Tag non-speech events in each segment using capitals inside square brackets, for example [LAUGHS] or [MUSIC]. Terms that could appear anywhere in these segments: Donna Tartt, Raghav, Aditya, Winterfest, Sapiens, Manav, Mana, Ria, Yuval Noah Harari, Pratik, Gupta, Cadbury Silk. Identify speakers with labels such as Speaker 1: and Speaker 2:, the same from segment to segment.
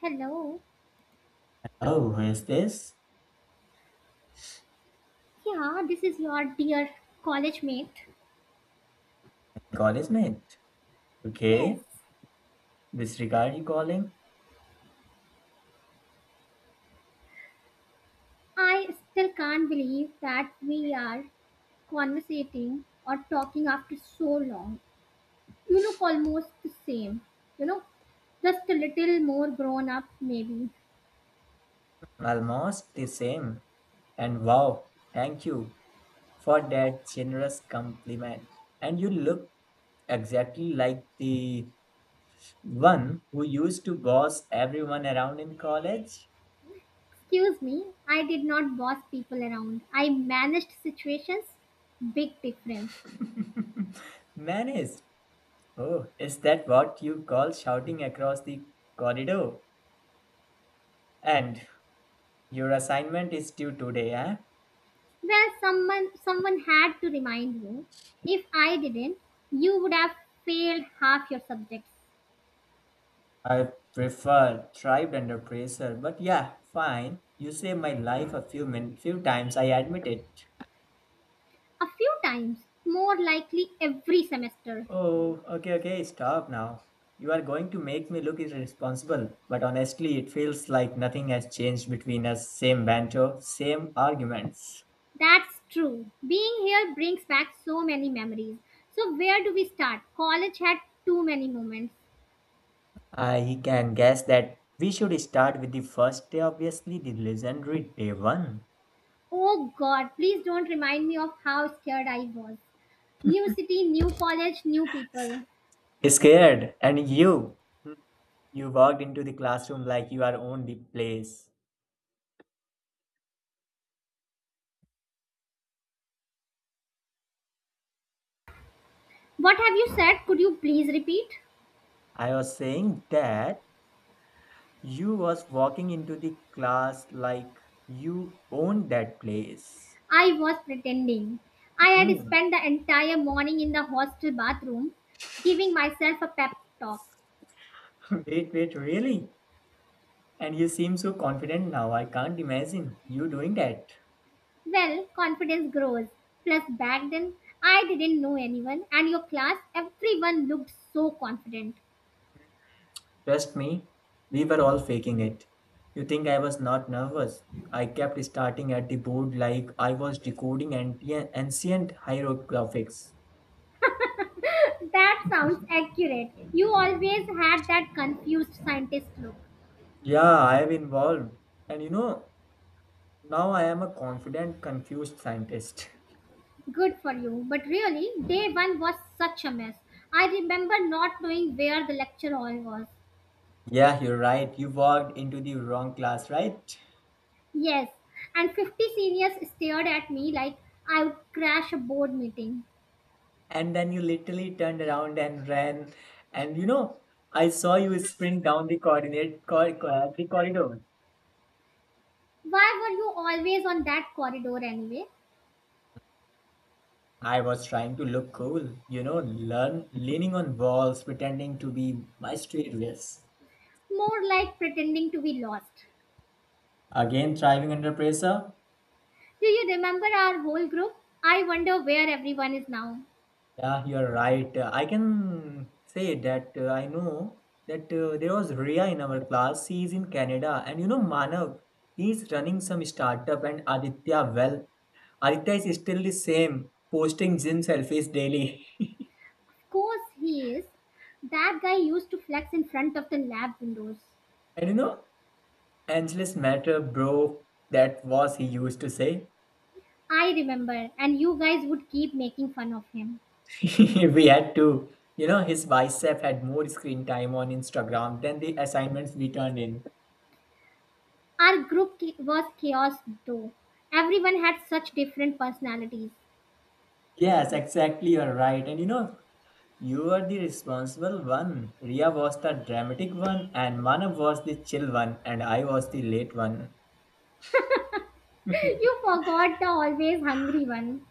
Speaker 1: Hello.
Speaker 2: Oh, who is this?
Speaker 1: Yeah, this is your dear college mate.
Speaker 2: College mate.
Speaker 1: Yes.
Speaker 2: Okay. Which regard you calling?
Speaker 1: I still can't believe that we are conversating or talking after so long. You look almost the same. You know, just a little more grown up, maybe.
Speaker 2: Almost the same. And wow, thank you for that generous compliment. And you look exactly like the one who used to boss everyone around in college.
Speaker 1: Excuse me, I did not boss people around. I managed situations. Big difference.
Speaker 2: [LAUGHS] Managed. Oh, is that what you call shouting across the corridor? And your assignment is due today, eh?
Speaker 1: Where someone had to remind you. If I didn't, you would have failed half your subjects.
Speaker 2: I prefer thrived under pressure, but yeah, fine. You saved my life a few min few times, I admit it.
Speaker 1: A few times, more likely every semester.
Speaker 2: Oh, okay, okay, stop now. You are going to make me look irresponsible, but honestly, it feels like nothing has changed between us. Same banter, same arguments.
Speaker 1: That's true. Being here brings back so many memories. So, where do we start? College had too many moments.
Speaker 2: I can guess that we should start with the first day, obviously, the legendary day one.
Speaker 1: Oh god, please don't remind me of how scared I was. New city, new college, new people.
Speaker 2: Scared, you walked into the classroom like you are own the place.
Speaker 1: What have you said? Could you please repeat?
Speaker 2: I was saying that you was walking into the class like you owned that place.
Speaker 1: I was pretending. I had
Speaker 2: Mm.
Speaker 1: spent the entire morning in the hostel bathroom giving myself a pep talk.
Speaker 2: [LAUGHS] Wait, really? And you seem so confident now. I can't imagine you doing that.
Speaker 1: Well, confidence grows. Plus, back then, I didn't know anyone, and your class, everyone looked so confident.
Speaker 2: Trust me, we were all faking it. You think I was not nervous? I kept starting at the board like I was decoding ancient hieroglyphics.
Speaker 1: That sounds accurate. You always had that confused scientist look.
Speaker 2: Yeah, I have involved. And you know, now I am a confident, confused scientist.
Speaker 1: Good for you. But really, day one was such a mess. I remember not knowing where the lecture hall was.
Speaker 2: Yeah, you're right. You walked into the wrong class, right?
Speaker 1: Yes, and 50 seniors stared at me like I would crash a board meeting.
Speaker 2: And then you literally turned around and ran. And you know, I saw you sprint down the corridor.
Speaker 1: Why were you always on that corridor anyway?
Speaker 2: I was trying to look cool, you know, learn leaning on walls, pretending to be my street race.
Speaker 1: More like pretending to be lost.
Speaker 2: Again, thriving under pressure.
Speaker 1: Do you remember our whole group? I wonder where everyone is now.
Speaker 2: Yeah, you're right. I can say that I know that there was Ria in our class. She is in Canada, and you know Manav, he is running some startup, and Aditya, well, Aditya is still the same, posting gym selfies daily. [LAUGHS]
Speaker 1: Of course, he is. That guy used to flex in front of the lab windows.
Speaker 2: And you know, Angeles matter, bro. That was he used to say.
Speaker 1: I remember, and you guys would keep making fun of him.
Speaker 2: [LAUGHS] We had to, you know, his bicep had more screen time on Instagram than the assignments we turned in.
Speaker 1: Our group was chaos, though. Everyone had such different personalities.
Speaker 2: Yes, exactly. You're right. And you know, you were the responsible one. Ria was the dramatic one, and Manav was the chill one, and I was the late one.
Speaker 1: [LAUGHS] you
Speaker 2: [LAUGHS]
Speaker 1: forgot the always hungry one.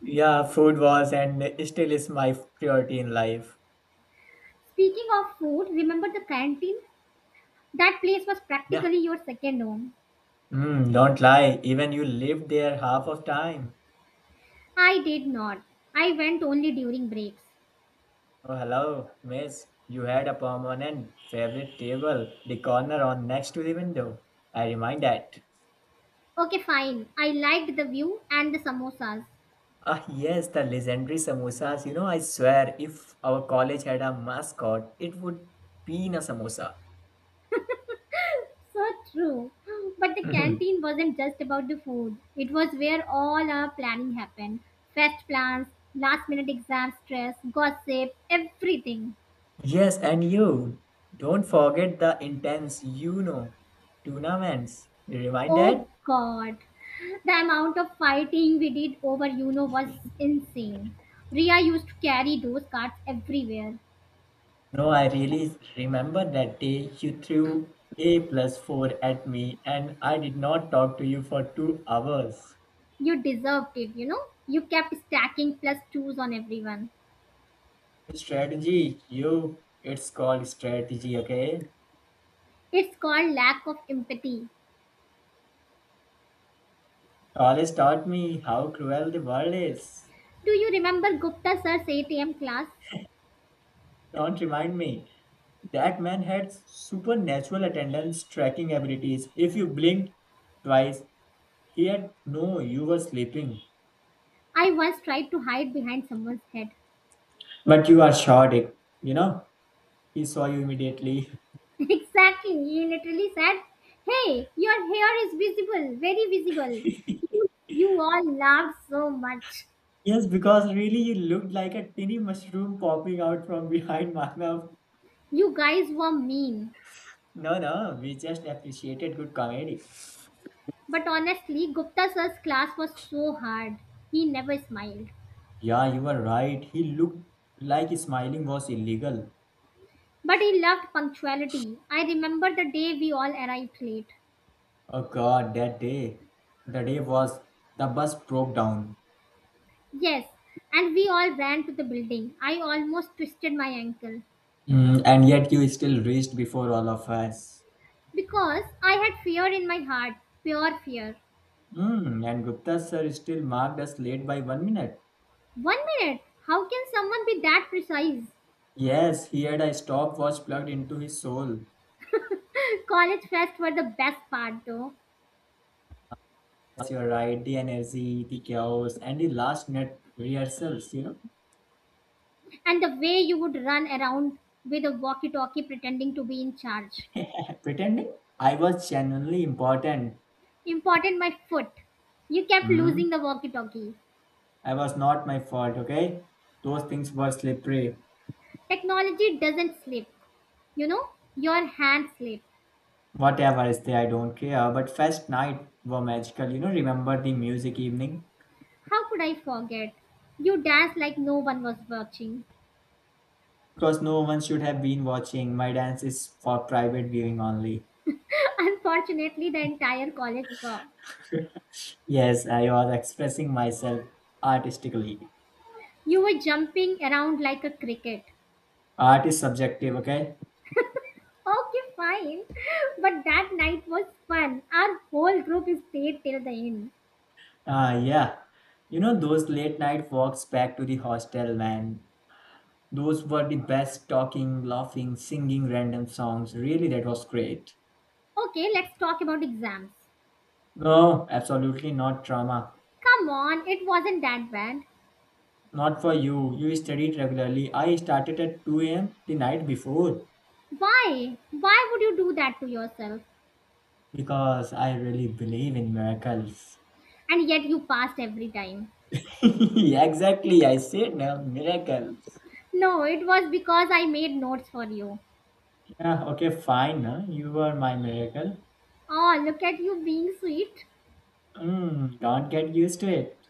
Speaker 2: Yeah, food was and still is my priority in life.
Speaker 1: Speaking of food, remember the canteen? That place was
Speaker 2: Yeah.
Speaker 1: practically your second home.
Speaker 2: Mm, don't lie. Even you lived there half of time.
Speaker 1: I did not. I went only during breaks.
Speaker 2: Oh, hello, miss. You had a permanent favorite table, the corner on next to the window. I remind that.
Speaker 1: Okay, fine. I liked the view and the samosas.
Speaker 2: Ah, yes, the legendary samosas. You know, I swear, if our college had a mascot, it would be in a samosa.
Speaker 1: So true. But
Speaker 2: [CLEARS THROAT]
Speaker 1: the
Speaker 2: Mhm.
Speaker 1: canteen wasn't just about the food, it was where all our planning happened fest plans, last minute exam stress, gossip, everything.
Speaker 2: Yes, and you don't forget the intense, you know, tournaments. You remind that?
Speaker 1: Oh god. The amount of fighting we did over Uno was insane. Ria used to carry those cards everywhere.
Speaker 2: No, I really remember that day you threw A plus 4 at me and I did not talk to you for 2 hours.
Speaker 1: You deserved it, you know? You kept stacking plus twos on everyone.
Speaker 2: Strategy, it's called strategy, okay?
Speaker 1: It's called lack of empathy.
Speaker 2: College taught me how cruel the world is.
Speaker 1: Do you remember Gupta sir's 8 a.m. class?
Speaker 2: Don't remind me. That man had supernatural attendance tracking abilities. If you blinked twice, he had no, you were sleeping.
Speaker 1: I once tried to hide behind someone's head.
Speaker 2: But you are chaotic, you know? He saw you immediately. [LAUGHS]
Speaker 1: [LAUGHS] exactly. He literally said, Hey, your hair is visible, very visible. You, you all laughed so much.
Speaker 2: Yes, because really you looked like a tiny mushroom popping out from behind [LAUGHS] my mouth.
Speaker 1: You guys were mean.
Speaker 2: No, we just appreciated good comedy.
Speaker 1: But honestly, Gupta sir's class was so hard. He never smiled.
Speaker 2: Yeah, you were right. He looked like smiling was illegal.
Speaker 1: But he loved punctuality. I remember the day we all arrived late.
Speaker 2: Oh God, that day. The day was The bus broke down.
Speaker 1: Yes, and we all ran to the building. I almost twisted my ankle.
Speaker 2: Mm, and yet you still reached before all of us.
Speaker 1: Because I had fear in my heart, pure fear.
Speaker 2: Mm, and Gupta sir still marked us late by 1 minute.
Speaker 1: 1 minute, how can someone be that precise?
Speaker 2: Yes, he had a stopwatch plugged into his soul.
Speaker 1: [LAUGHS] College fest were the best part though,
Speaker 2: Yes, you're right. The energy, the chaos, and the last minute rehearsals, you know.
Speaker 1: and the way you would run around with a walkie talkie pretending to be in charge.
Speaker 2: [LAUGHS] Pretending I was genuinely important.
Speaker 1: Important my foot. You kept
Speaker 2: Hmm?
Speaker 1: losing the walkie talkie.
Speaker 2: I was not my fault, okay? Those things were slippery.
Speaker 1: Technology doesn't sleep, you know, your hand slipped.
Speaker 2: Whatever is there, I don't care. But first night were magical, you know. Remember the music evening?
Speaker 1: How could I forget? You danced like no one was watching.
Speaker 2: Because no one should have been watching. My dance is for private viewing only.
Speaker 1: [LAUGHS] Unfortunately, the entire college saw.
Speaker 2: [LAUGHS] Yes, I was expressing myself artistically.
Speaker 1: You were jumping around like a cricket.
Speaker 2: Art is subjective, okay?
Speaker 1: Okay, fine. [LAUGHS] But that night was fun. Our whole group stayed till the end.
Speaker 2: Ah, yeah. You know those late night walks back to the hostel, man. Those were the best talking, laughing, singing random songs. Really, that was great.
Speaker 1: Okay, let's talk about exams.
Speaker 2: No, absolutely not trauma.
Speaker 1: Come on, it wasn't that bad.
Speaker 2: Not for you. You studied regularly. I started at 2 a.m. the night before
Speaker 1: Why? Why would you do that to yourself?
Speaker 2: because I really believe in miracles.
Speaker 1: And yet you passed every time.
Speaker 2: [LAUGHS] Exactly, I said no, miracles.
Speaker 1: No, it was because I made notes for you.
Speaker 2: Yeah, okay, fine. Huh? You are my miracle.
Speaker 1: Oh, look at you being sweet.
Speaker 2: Mm, don't get used to it.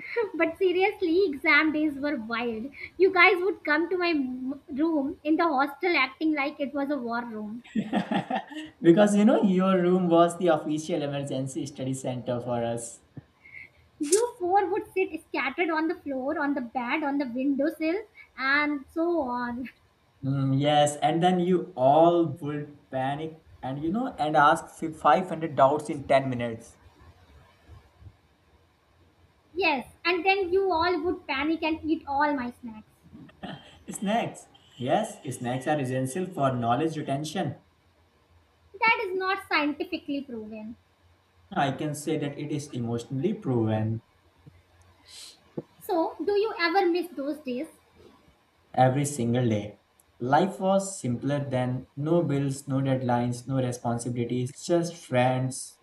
Speaker 1: [LAUGHS] But seriously, exam days were wild. You guys would come to my room in the hostel acting like it was a war room.
Speaker 2: [LAUGHS] Because you know, your room was the official emergency study center for us.
Speaker 1: You four would sit scattered on the floor, on the bed, on the windowsill, and so on. [LAUGHS]
Speaker 2: Mm, yes, and then you all would panic and you know, and ask 500 doubts in 10 minutes.
Speaker 1: Yes, and then you all would panic and eat all my snacks.
Speaker 2: Snacks. Yes, snacks are essential for knowledge retention.
Speaker 1: That is not scientifically proven.
Speaker 2: I can say that it is emotionally proven
Speaker 1: So, do you ever miss those days?
Speaker 2: every single day. Life was simpler then, no bills, no deadlines, no responsibilities, just friends,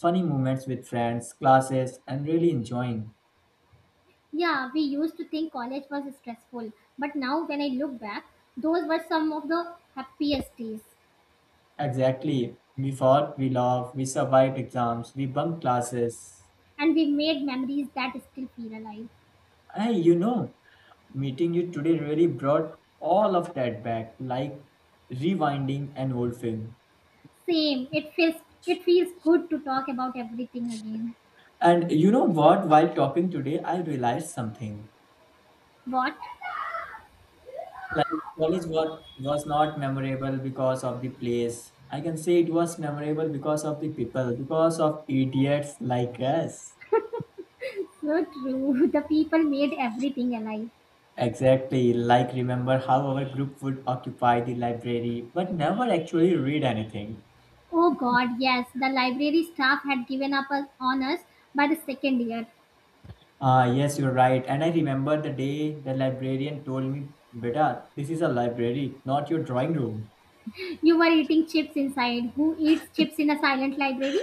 Speaker 2: funny moments with friends, classes, and really enjoying.
Speaker 1: Yeah, we used to think college was stressful, but now when I look back, those were some of the happiest days,
Speaker 2: Exactly. We fought, we laughed, we survived exams, we bunked classes.
Speaker 1: and we made memories that still feel alive.
Speaker 2: Hey, you know, meeting you today really brought all of that back, like rewinding an old film.
Speaker 1: Same, it feels good to talk about everything again.
Speaker 2: And you know what? While talking today, I realized something.
Speaker 1: What?
Speaker 2: Like college was not memorable because of the place. I can say it was memorable because of the people, because of idiots like us.
Speaker 1: So true. [LAUGHS] The people made everything alive.
Speaker 2: Exactly. Like, remember how our group would occupy the library but never actually read anything?
Speaker 1: Oh god, yes. The library staff had given up on us by the second year.
Speaker 2: Ah, yes, you're right. And I remember the day the librarian told me, Beta, this is a library, not your drawing room.
Speaker 1: You were eating chips inside. Who eats chips in a silent library?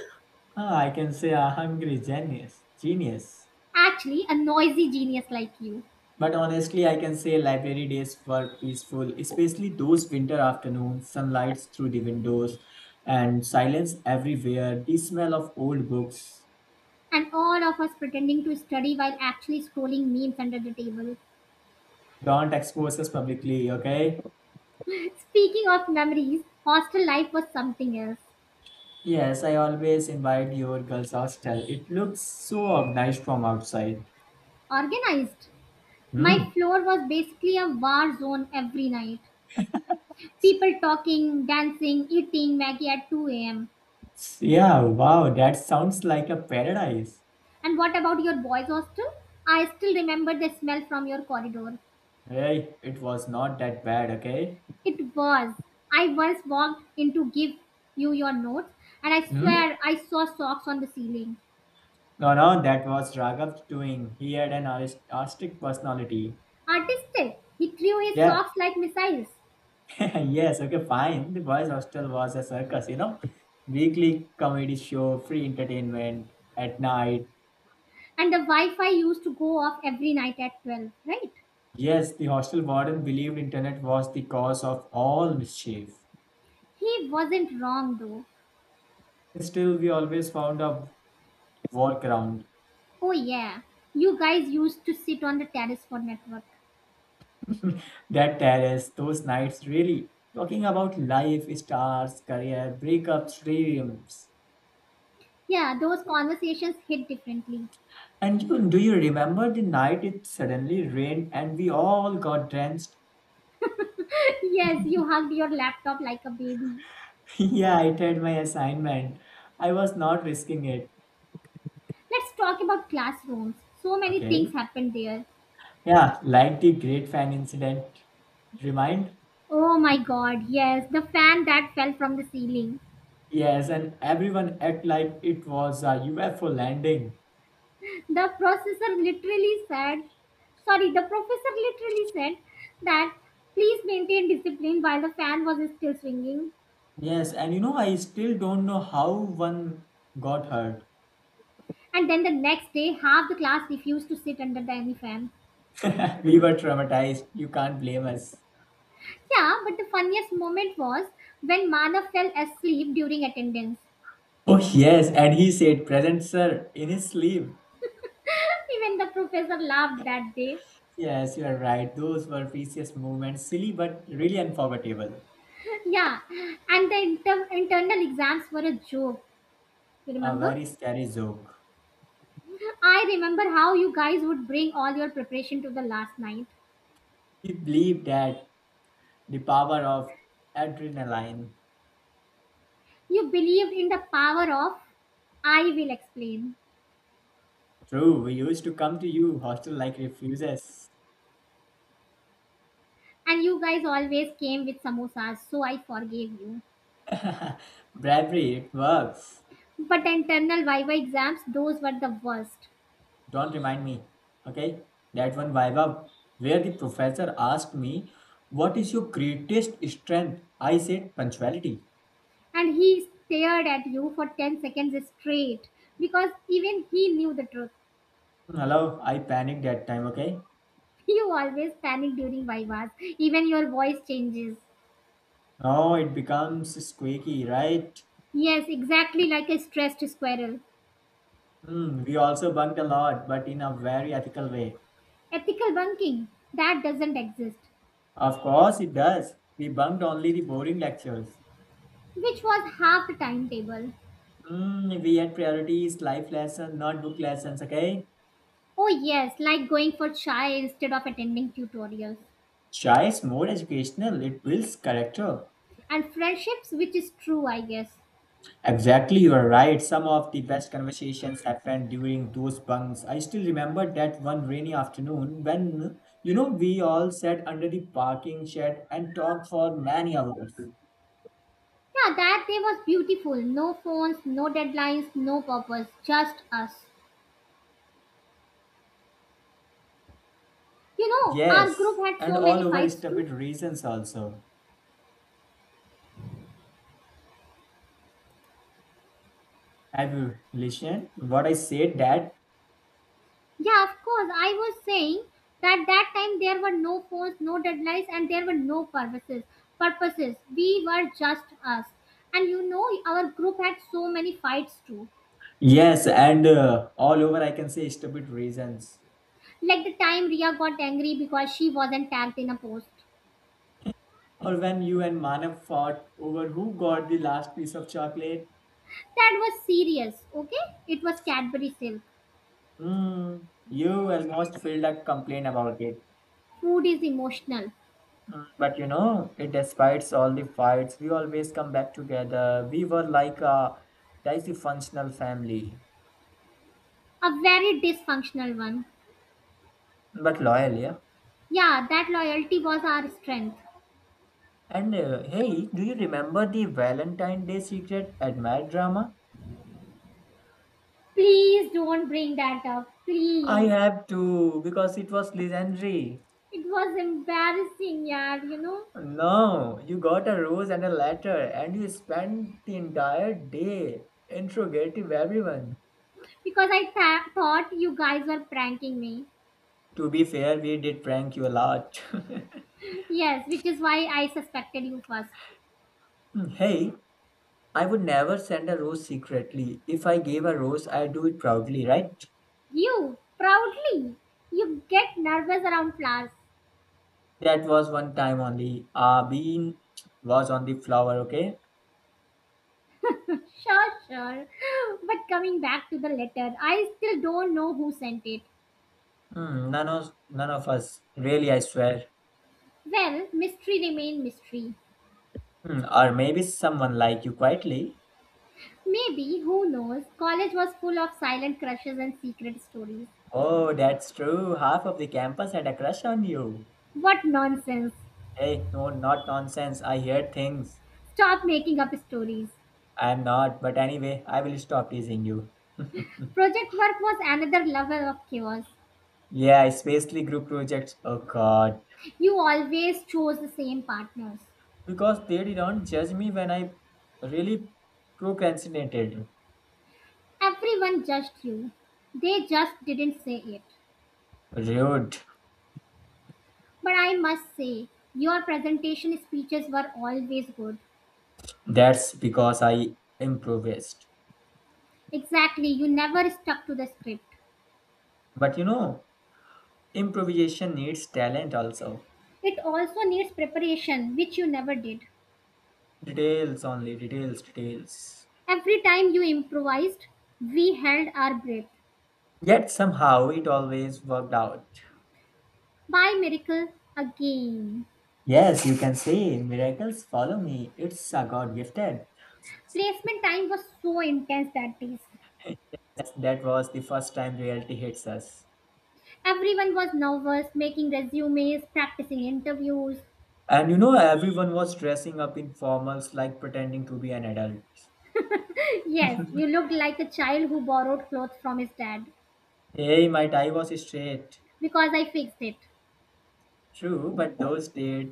Speaker 2: Ah, I can say a hungry genius. Genius.
Speaker 1: Actually, a noisy genius like you.
Speaker 2: But honestly, I can say library days were peaceful, especially those winter afternoons, sunlight through the windows, and silence everywhere, the smell of old books.
Speaker 1: And all of us pretending to study while actually scrolling memes under the table.
Speaker 2: Don't expose us publicly, okay?
Speaker 1: [LAUGHS] Speaking of memories, hostel life was something else.
Speaker 2: Yes, I always invite your girls' hostel. It looks so organized from outside.
Speaker 1: Organized. My
Speaker 2: Hmm.
Speaker 1: floor was basically a war zone every night. People talking, dancing, eating Maggie at 2 a.m.
Speaker 2: Yeah, wow, that sounds like a paradise.
Speaker 1: And what about your boys' hostel? I still remember the smell from your corridor.
Speaker 2: Hey, it was not that bad, okay?
Speaker 1: It was. I once walked in to give you your notes, and I
Speaker 2: Hmm?
Speaker 1: swear I saw socks on the ceiling.
Speaker 2: No, that was Raghav doing. He had an artistic personality.
Speaker 1: Artistic. He threw his
Speaker 2: Yeah,
Speaker 1: socks like missiles.
Speaker 2: [LAUGHS] yes, okay, fine. The boys' hostel was a circus, you know? Weekly comedy show, free entertainment at night.
Speaker 1: And the Wi Fi used to go off every night at 12, right?
Speaker 2: Yes, the hostel warden believed internet was the cause of all mischief.
Speaker 1: He wasn't wrong though.
Speaker 2: Still, we always found a walk around.
Speaker 1: Oh, yeah. You guys used to sit on the terrace for network.
Speaker 2: [LAUGHS] That terrace those nights, really talking about life, stars, career, breakups, dreams.
Speaker 1: Yeah, those conversations hit differently.
Speaker 2: Do you remember the night it suddenly rained and we all got drenched?
Speaker 1: Yes, you hugged your laptop like a baby.
Speaker 2: [LAUGHS] Yeah, I did my assignment. I was not risking it.
Speaker 1: Let's talk about classrooms. So many
Speaker 2: Okay.
Speaker 1: things happened there.
Speaker 2: Yeah, like the Great Fan incident. Remind?
Speaker 1: Oh my god, yes, the fan that fell from the ceiling.
Speaker 2: Yes, and everyone act like it was a UFO landing.
Speaker 1: The processor literally said, sorry, the professor literally said that please maintain discipline while the fan was still swinging.
Speaker 2: Yes, and you know, I still don't know how one got hurt.
Speaker 1: And then the next day, half the class refused to sit under the any fan.
Speaker 2: [LAUGHS] We were traumatized. You can't blame us.
Speaker 1: Yeah, but the funniest moment was when Mana fell asleep during attendance.
Speaker 2: Oh, yes, and he said, present, sir, in his sleeve.
Speaker 1: [LAUGHS] Even the professor laughed that day.
Speaker 2: Yes, you are right. Those were precious moments, silly but really unforgettable.
Speaker 1: Yeah, and the internal exams were a joke. You
Speaker 2: A
Speaker 1: remember?
Speaker 2: very scary joke.
Speaker 1: I remember how you guys would bring all your preparation to the last night.
Speaker 2: We believed that the power of adrenaline.
Speaker 1: You believed in the power of I will explain.
Speaker 2: True, we used to come to you, hostel like refuses.
Speaker 1: And you guys always came with samosas, so I forgave you.
Speaker 2: [LAUGHS] Bravery, it works.
Speaker 1: But the internal Viva exams, those were the worst.
Speaker 2: Don't remind me. Okay? That one viva where the professor asked me, what is your greatest strength? I said, punctuality.
Speaker 1: And he stared at you for 10 seconds straight because even he knew the truth.
Speaker 2: Hello, I panicked that time, okay?
Speaker 1: [LAUGHS] You always panic during Vivas, even your voice changes.
Speaker 2: Now it becomes squeaky, right?
Speaker 1: Yes, exactly like a stressed squirrel.
Speaker 2: Hmm, we also bunked a lot, but in a very ethical way.
Speaker 1: Ethical bunking, that doesn't exist,
Speaker 2: Of course, it does. We bunked only the boring lectures.
Speaker 1: which was half the timetable.
Speaker 2: Mm, we had priorities, life lessons, not book lessons, okay?
Speaker 1: Oh, yes, like going for chai instead of attending tutorials.
Speaker 2: Chai is more educational, it builds character.
Speaker 1: And friendships, which is true, I guess.
Speaker 2: Exactly, you are right. Some of the best conversations happened during those bunks. I still remember that one rainy afternoon when, you know, we all sat under the parking shed and talked for many hours.
Speaker 1: Yeah, that day was beautiful. No phones, no deadlines, no purpose, just us. You know, our group
Speaker 2: Yes,
Speaker 1: had
Speaker 2: and
Speaker 1: so
Speaker 2: all
Speaker 1: many
Speaker 2: over
Speaker 1: fights too.
Speaker 2: stupid reasons also. Have you listened? What I said that?
Speaker 1: Yeah, of course. I was saying that that time there were no phones, no deadlines, and there were no purposes. Purposes. We were just us. And you know, our group had so many fights too.
Speaker 2: Yes, and all over I can say stupid reasons.
Speaker 1: Like the time Ria got angry because she wasn't tagged in a post.
Speaker 2: Or when you and Manav fought over who got the last piece of chocolate.
Speaker 1: That was serious, okay? It was Cadbury Silk.
Speaker 2: Hmm. You almost filled a complaint about it.
Speaker 1: Food is emotional.
Speaker 2: Mm, but you know, it despite all the fights, we always come back together. We were like a dysfunctional family,
Speaker 1: A very dysfunctional one.
Speaker 2: but loyal, yeah.
Speaker 1: Yeah, that loyalty was our strength.
Speaker 2: And hey, do you remember the Valentine Day secret admired drama?
Speaker 1: Please don't bring that up.
Speaker 2: I
Speaker 1: Please.
Speaker 2: have to because it was legendary.
Speaker 1: It was embarrassing, yeah, you know,
Speaker 2: No, you got a rose and a letter, and you spent the entire day interrogating everyone.
Speaker 1: because I thought you guys were pranking me.
Speaker 2: To be fair, we did prank you a lot. [LAUGHS]
Speaker 1: Yes, which is why I suspected you first.
Speaker 2: Hey, I would never send a rose secretly. If I gave a rose, I do it proudly, right?
Speaker 1: You, proudly, you get nervous around flowers.
Speaker 2: That was one time only. A bean was on the flower, okay?
Speaker 1: [LAUGHS] Sure, sure. But coming back to the letter, I still don't know who sent it.
Speaker 2: Hmm, none of us, really, I swear.
Speaker 1: Well, mystery remained mystery.
Speaker 2: Hmm, or maybe someone like you quietly.
Speaker 1: Maybe, who knows, college was full of silent crushes and secret stories.
Speaker 2: Oh, that's true. Half of the campus had a crush on you.
Speaker 1: What nonsense.
Speaker 2: Hey, no, not nonsense. I hear things.
Speaker 1: Stop making up stories.
Speaker 2: I'm not, but anyway, I will stop teasing you. [LAUGHS]
Speaker 1: Project work was another level of chaos.
Speaker 2: Yeah, especially group projects. Oh God.
Speaker 1: You always chose the same partners.
Speaker 2: Because they didn't judge me when I really procrastinated.
Speaker 1: Everyone judged you. They just didn't say it.
Speaker 2: Rude.
Speaker 1: But I must say, your presentation speeches were always good.
Speaker 2: That's because I improvised.
Speaker 1: Exactly, you never stuck to the script.
Speaker 2: But you know, improvisation needs talent also.
Speaker 1: It also needs preparation, which you never did.
Speaker 2: Details only, details, details.
Speaker 1: Every time you improvised, we held our breath.
Speaker 2: Yet somehow it always worked out.
Speaker 1: By miracle, again.
Speaker 2: Yes, you can say miracles follow me. It's a God gifted.
Speaker 1: Placement time was so intense that day.
Speaker 2: Yes, that was the first time reality hits us.
Speaker 1: Everyone was nervous, making resumes, practicing interviews. [LAUGHS]
Speaker 2: And you know, everyone was dressing up in formals like pretending to be an adult.
Speaker 1: Yes, you looked like a child who borrowed clothes from his dad
Speaker 2: Hey, my tie was straight.
Speaker 1: because I fixed it.
Speaker 2: True, but those days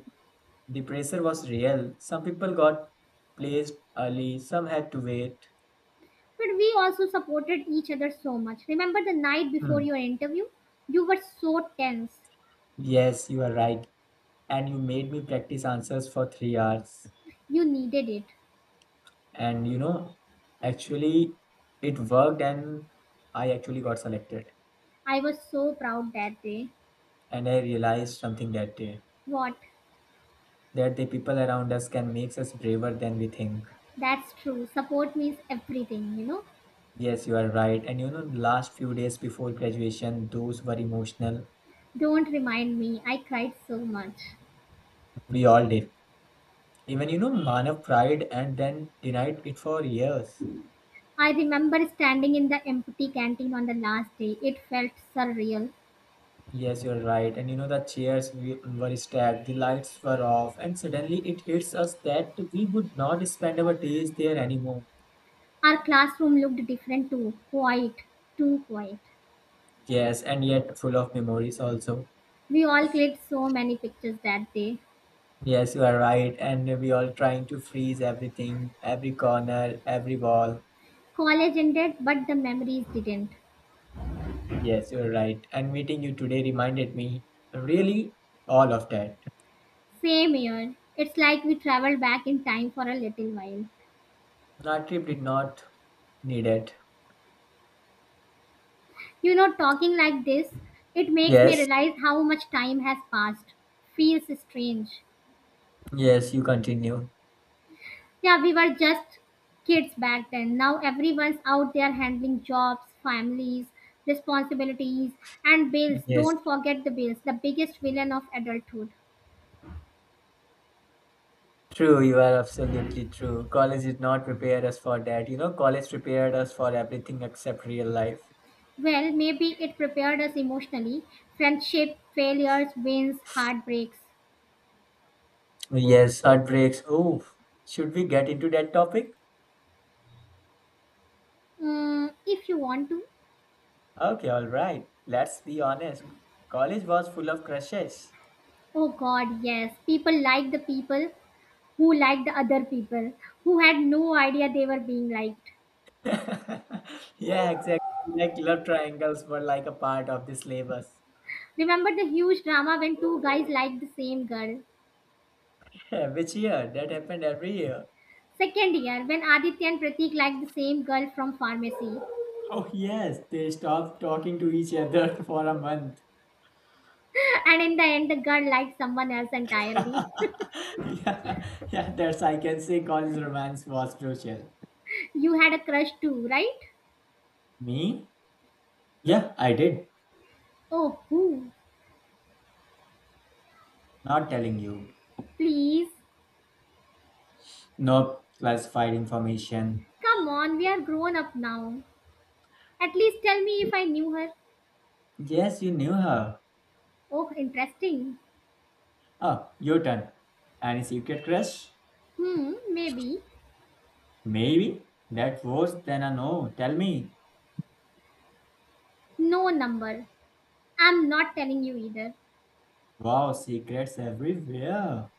Speaker 2: the pressure was real. Some people got placed early, some had to wait.
Speaker 1: But we also supported each other so much. Remember the night before
Speaker 2: Hmm.
Speaker 1: your interview? You were so tense.
Speaker 2: Yes, you are right. And you made me practice answers for 3 hours.
Speaker 1: You needed it.
Speaker 2: And you know, actually, it worked, and I actually got selected.
Speaker 1: I was so proud that day.
Speaker 2: And I realized something that day
Speaker 1: What?
Speaker 2: that the people around us can make us braver than we think.
Speaker 1: That's true. Support means everything, you know?
Speaker 2: Yes, you are right. And you know, the last few days before graduation, those were emotional.
Speaker 1: Don't remind me. I cried so much.
Speaker 2: We all did. Even you know manav tried and then denied it for years.
Speaker 1: I remember standing in the empty canteen on the last day. It felt surreal.
Speaker 2: Yes, you're right. And you know, the chairs were stacked, the lights were off, and suddenly it hits us that we would not spend our days there anymore.
Speaker 1: Our classroom looked different too, quiet, too quiet.
Speaker 2: Yes, and yet full of memories also.
Speaker 1: We all clicked so many pictures that day.
Speaker 2: Yes, you are right, and we all trying to freeze everything, every corner, every wall.
Speaker 1: College ended, but the memories didn't.
Speaker 2: Yes, you're right, and meeting you today reminded me, really, all of that.
Speaker 1: Same year. It's like we traveled back in time for a little while.
Speaker 2: Our trip did not need it.
Speaker 1: You know, talking like this, it makes me
Speaker 2: Yes,
Speaker 1: realize how much time has passed. Feels strange.
Speaker 2: yes, you continue.
Speaker 1: Yeah, we were just kids back then. Now everyone's out there handling jobs, families, responsibilities, and bills.
Speaker 2: Yes,
Speaker 1: Don't forget the bills, the biggest villain of adulthood.
Speaker 2: true. You are absolutely true. College did not prepare us for that. You know, college prepared us for everything except real life.
Speaker 1: Well, maybe it prepared us emotionally. Friendship, failures, wins, heartbreaks.
Speaker 2: Yes, heartbreaks. Oh, should we get into that topic?
Speaker 1: Mm, if you want to.
Speaker 2: Okay, all right. Let's be honest. College was full of crushes.
Speaker 1: Oh God, yes. People like the people who liked the other people, who had no idea they were being liked.
Speaker 2: [LAUGHS] Yeah, exactly. Like love triangles were like a part of the syllabus.
Speaker 1: Remember the huge drama when two guys liked the same girl?
Speaker 2: [LAUGHS] Yeah, which year? That happened every year.
Speaker 1: Second year, when Aditya and Pratik liked the same girl from pharmacy,
Speaker 2: Oh, yes, they stopped talking to each other [LAUGHS] for a month.
Speaker 1: [LAUGHS] and in the end, the girl liked someone else entirely.
Speaker 2: [LAUGHS] Yeah, yeah, that's I can say college romance was crucial.
Speaker 1: [LAUGHS] you had a crush too, right?
Speaker 2: Me? Yeah, I did.
Speaker 1: Oh, who?
Speaker 2: Not telling you.
Speaker 1: Please.
Speaker 2: No classified information.
Speaker 1: Come on, we are grown up now. At least tell me if I knew her.
Speaker 2: Yes, you knew her.
Speaker 1: Oh, interesting.
Speaker 2: Oh, your turn. Any secret crush?
Speaker 1: Hmm, maybe.
Speaker 2: Maybe. That worse than a no. Tell me.
Speaker 1: No number. I'm not telling you either.
Speaker 2: Wow, secrets everywhere.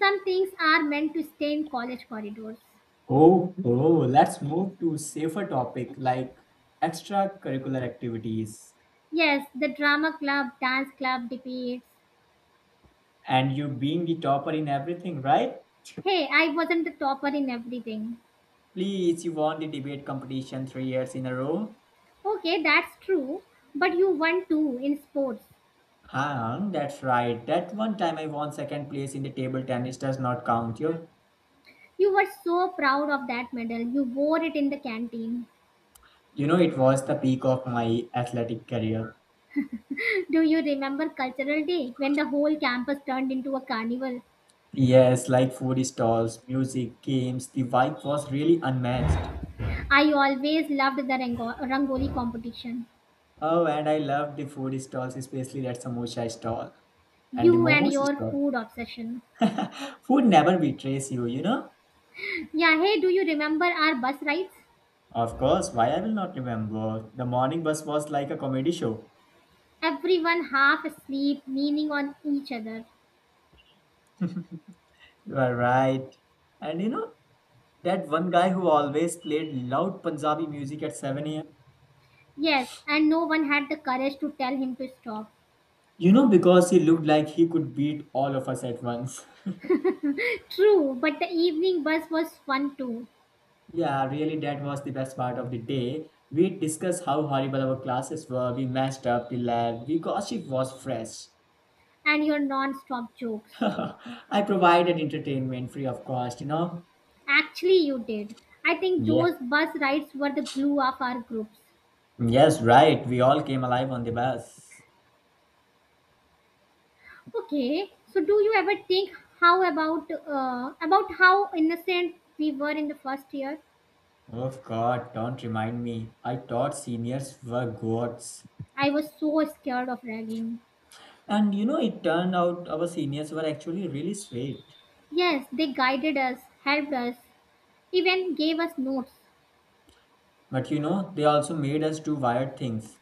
Speaker 1: Some things are meant to stay in college corridors.
Speaker 2: Oh, oh, let's move to safer topic like extracurricular activities.
Speaker 1: Yes, the drama club, dance club, debates.
Speaker 2: And you being the topper in everything, right?
Speaker 1: Hey, I wasn't the topper in everything.
Speaker 2: Please, you won the debate competition 3 years in a row.
Speaker 1: Okay, that's true. But you won too in sports.
Speaker 2: Huh, that's right. That one time I won second place in the table tennis does not count you.
Speaker 1: You were so proud of that medal. You wore it in the canteen.
Speaker 2: You know, it was the peak of my athletic career.
Speaker 1: [LAUGHS] Do you remember Cultural Day when the whole campus turned into a carnival?
Speaker 2: Yes, like food stalls, music, games, the vibe was really unmatched.
Speaker 1: I always loved the rangoli competition.
Speaker 2: Oh, and I loved the food stalls, especially that samosa stall and the
Speaker 1: You and
Speaker 2: momos
Speaker 1: your
Speaker 2: stall.
Speaker 1: food obsession.
Speaker 2: [LAUGHS] Food never betrays you, you know?
Speaker 1: Yeah, hey, do you remember our bus rides?
Speaker 2: Of course, why I will not remember. The morning bus was like a comedy show.
Speaker 1: Everyone half asleep, leaning on each other.
Speaker 2: You are right. And you know, that one guy who always played loud Punjabi music at 7 a.m.
Speaker 1: Yes, and no one had the courage to tell him to stop.
Speaker 2: You know, because he looked like he could beat all of us at once. [LAUGHS]
Speaker 1: True, but the evening bus was fun too.
Speaker 2: Yeah, really, that was the best part of the day. We discussed how horrible our classes were, we messed up the lab, we gossip was fresh.
Speaker 1: And your non-stop
Speaker 2: [LAUGHS]
Speaker 1: jokes.
Speaker 2: I provided entertainment free of cost, you know?
Speaker 1: Actually, you did. I think
Speaker 2: Yeah.
Speaker 1: those bus rides were the glue of our groups.
Speaker 2: Yes, right. We all came alive on the bus.
Speaker 1: Okay, so do you ever think how about how innocent we were in the first year?
Speaker 2: Oh God, don't remind me. I thought seniors were gods.
Speaker 1: I was so scared of ragging.
Speaker 2: And you know, it turned out our seniors were actually really straight.
Speaker 1: Yes, they guided us, helped us, even gave us notes,
Speaker 2: But you know, they also made us do wired things.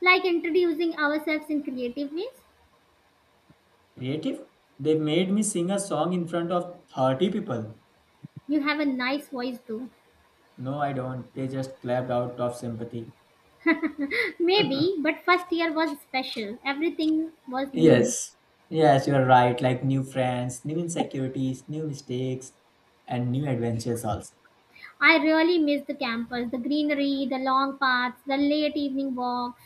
Speaker 1: like introducing ourselves in creative ways.
Speaker 2: Creative? They made me sing a song in front of 30 people.
Speaker 1: You have a nice voice though.
Speaker 2: No, I don't. They just clapped out of sympathy.
Speaker 1: [LAUGHS] Maybe, but first year was special. Everything was new.
Speaker 2: Yes. Yes, you're right. Like new friends, new insecurities, new mistakes, and new adventures also.
Speaker 1: I really miss the campus, the greenery, the long paths, the late evening walks,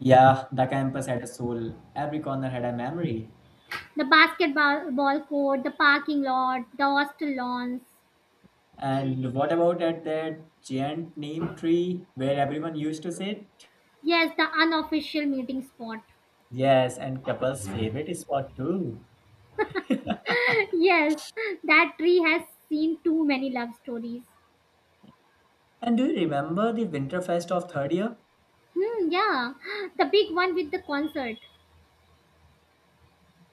Speaker 2: Yeah, the campus had a soul. Every corner had a memory.
Speaker 1: the basketball ball court, the parking lot, the hostel lawns.
Speaker 2: And what about at that giant name tree where everyone used to sit?
Speaker 1: Yes, the unofficial meeting spot.
Speaker 2: Yes, and couple's favorite spot too.
Speaker 1: [LAUGHS] yes, that tree has seen too many love stories.
Speaker 2: And do you remember the Winterfest of third year?
Speaker 1: Hmm, yeah, the big one with the concert.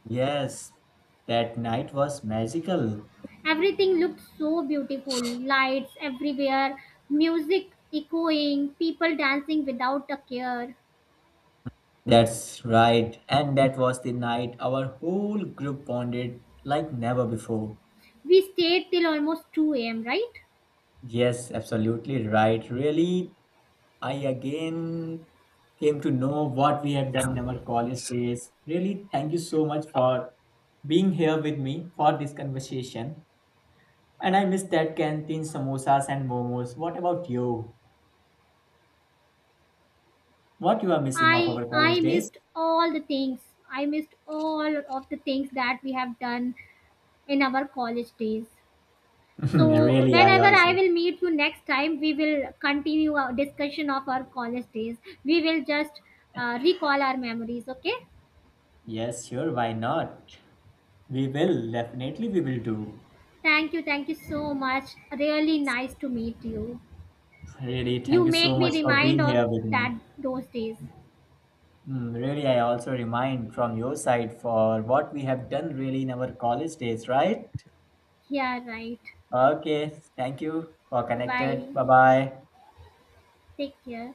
Speaker 2: Yes, that night was magical.
Speaker 1: Everything looked so beautiful. Lights everywhere, music echoing, people dancing without a care.
Speaker 2: That's right, and that was the night our whole group bonded like never before.
Speaker 1: We stayed till almost 2 a.m., right?
Speaker 2: Yes, absolutely right. Really, I again came to know what we have done in our college days. Really, thank you so much for being here with me for this conversation. And I miss that canteen samosas and momos. What about you? What you are missing of our
Speaker 1: I
Speaker 2: college
Speaker 1: I
Speaker 2: days?
Speaker 1: missed all the things. I missed all of the things that we have done in our college days.
Speaker 2: [LAUGHS]
Speaker 1: So
Speaker 2: Really, I
Speaker 1: whenever I
Speaker 2: also.
Speaker 1: will meet you next time, we will continue our discussion of our college days. We will just recall our memories. Okay?
Speaker 2: Yes, sure, why not? We will, definitely we will do.
Speaker 1: Thank you. Thank you so much. Really nice to meet you.
Speaker 2: Really,
Speaker 1: You
Speaker 2: thank you
Speaker 1: make
Speaker 2: so much
Speaker 1: me
Speaker 2: for
Speaker 1: remind
Speaker 2: being here
Speaker 1: of
Speaker 2: with me.
Speaker 1: that those days.
Speaker 2: Mm, really, I also remind from your side for what we have done really in our college days, right?
Speaker 1: Yeah. Right.
Speaker 2: Okay, thank you for connected.
Speaker 1: Bye.
Speaker 2: Bye bye.
Speaker 1: Take care.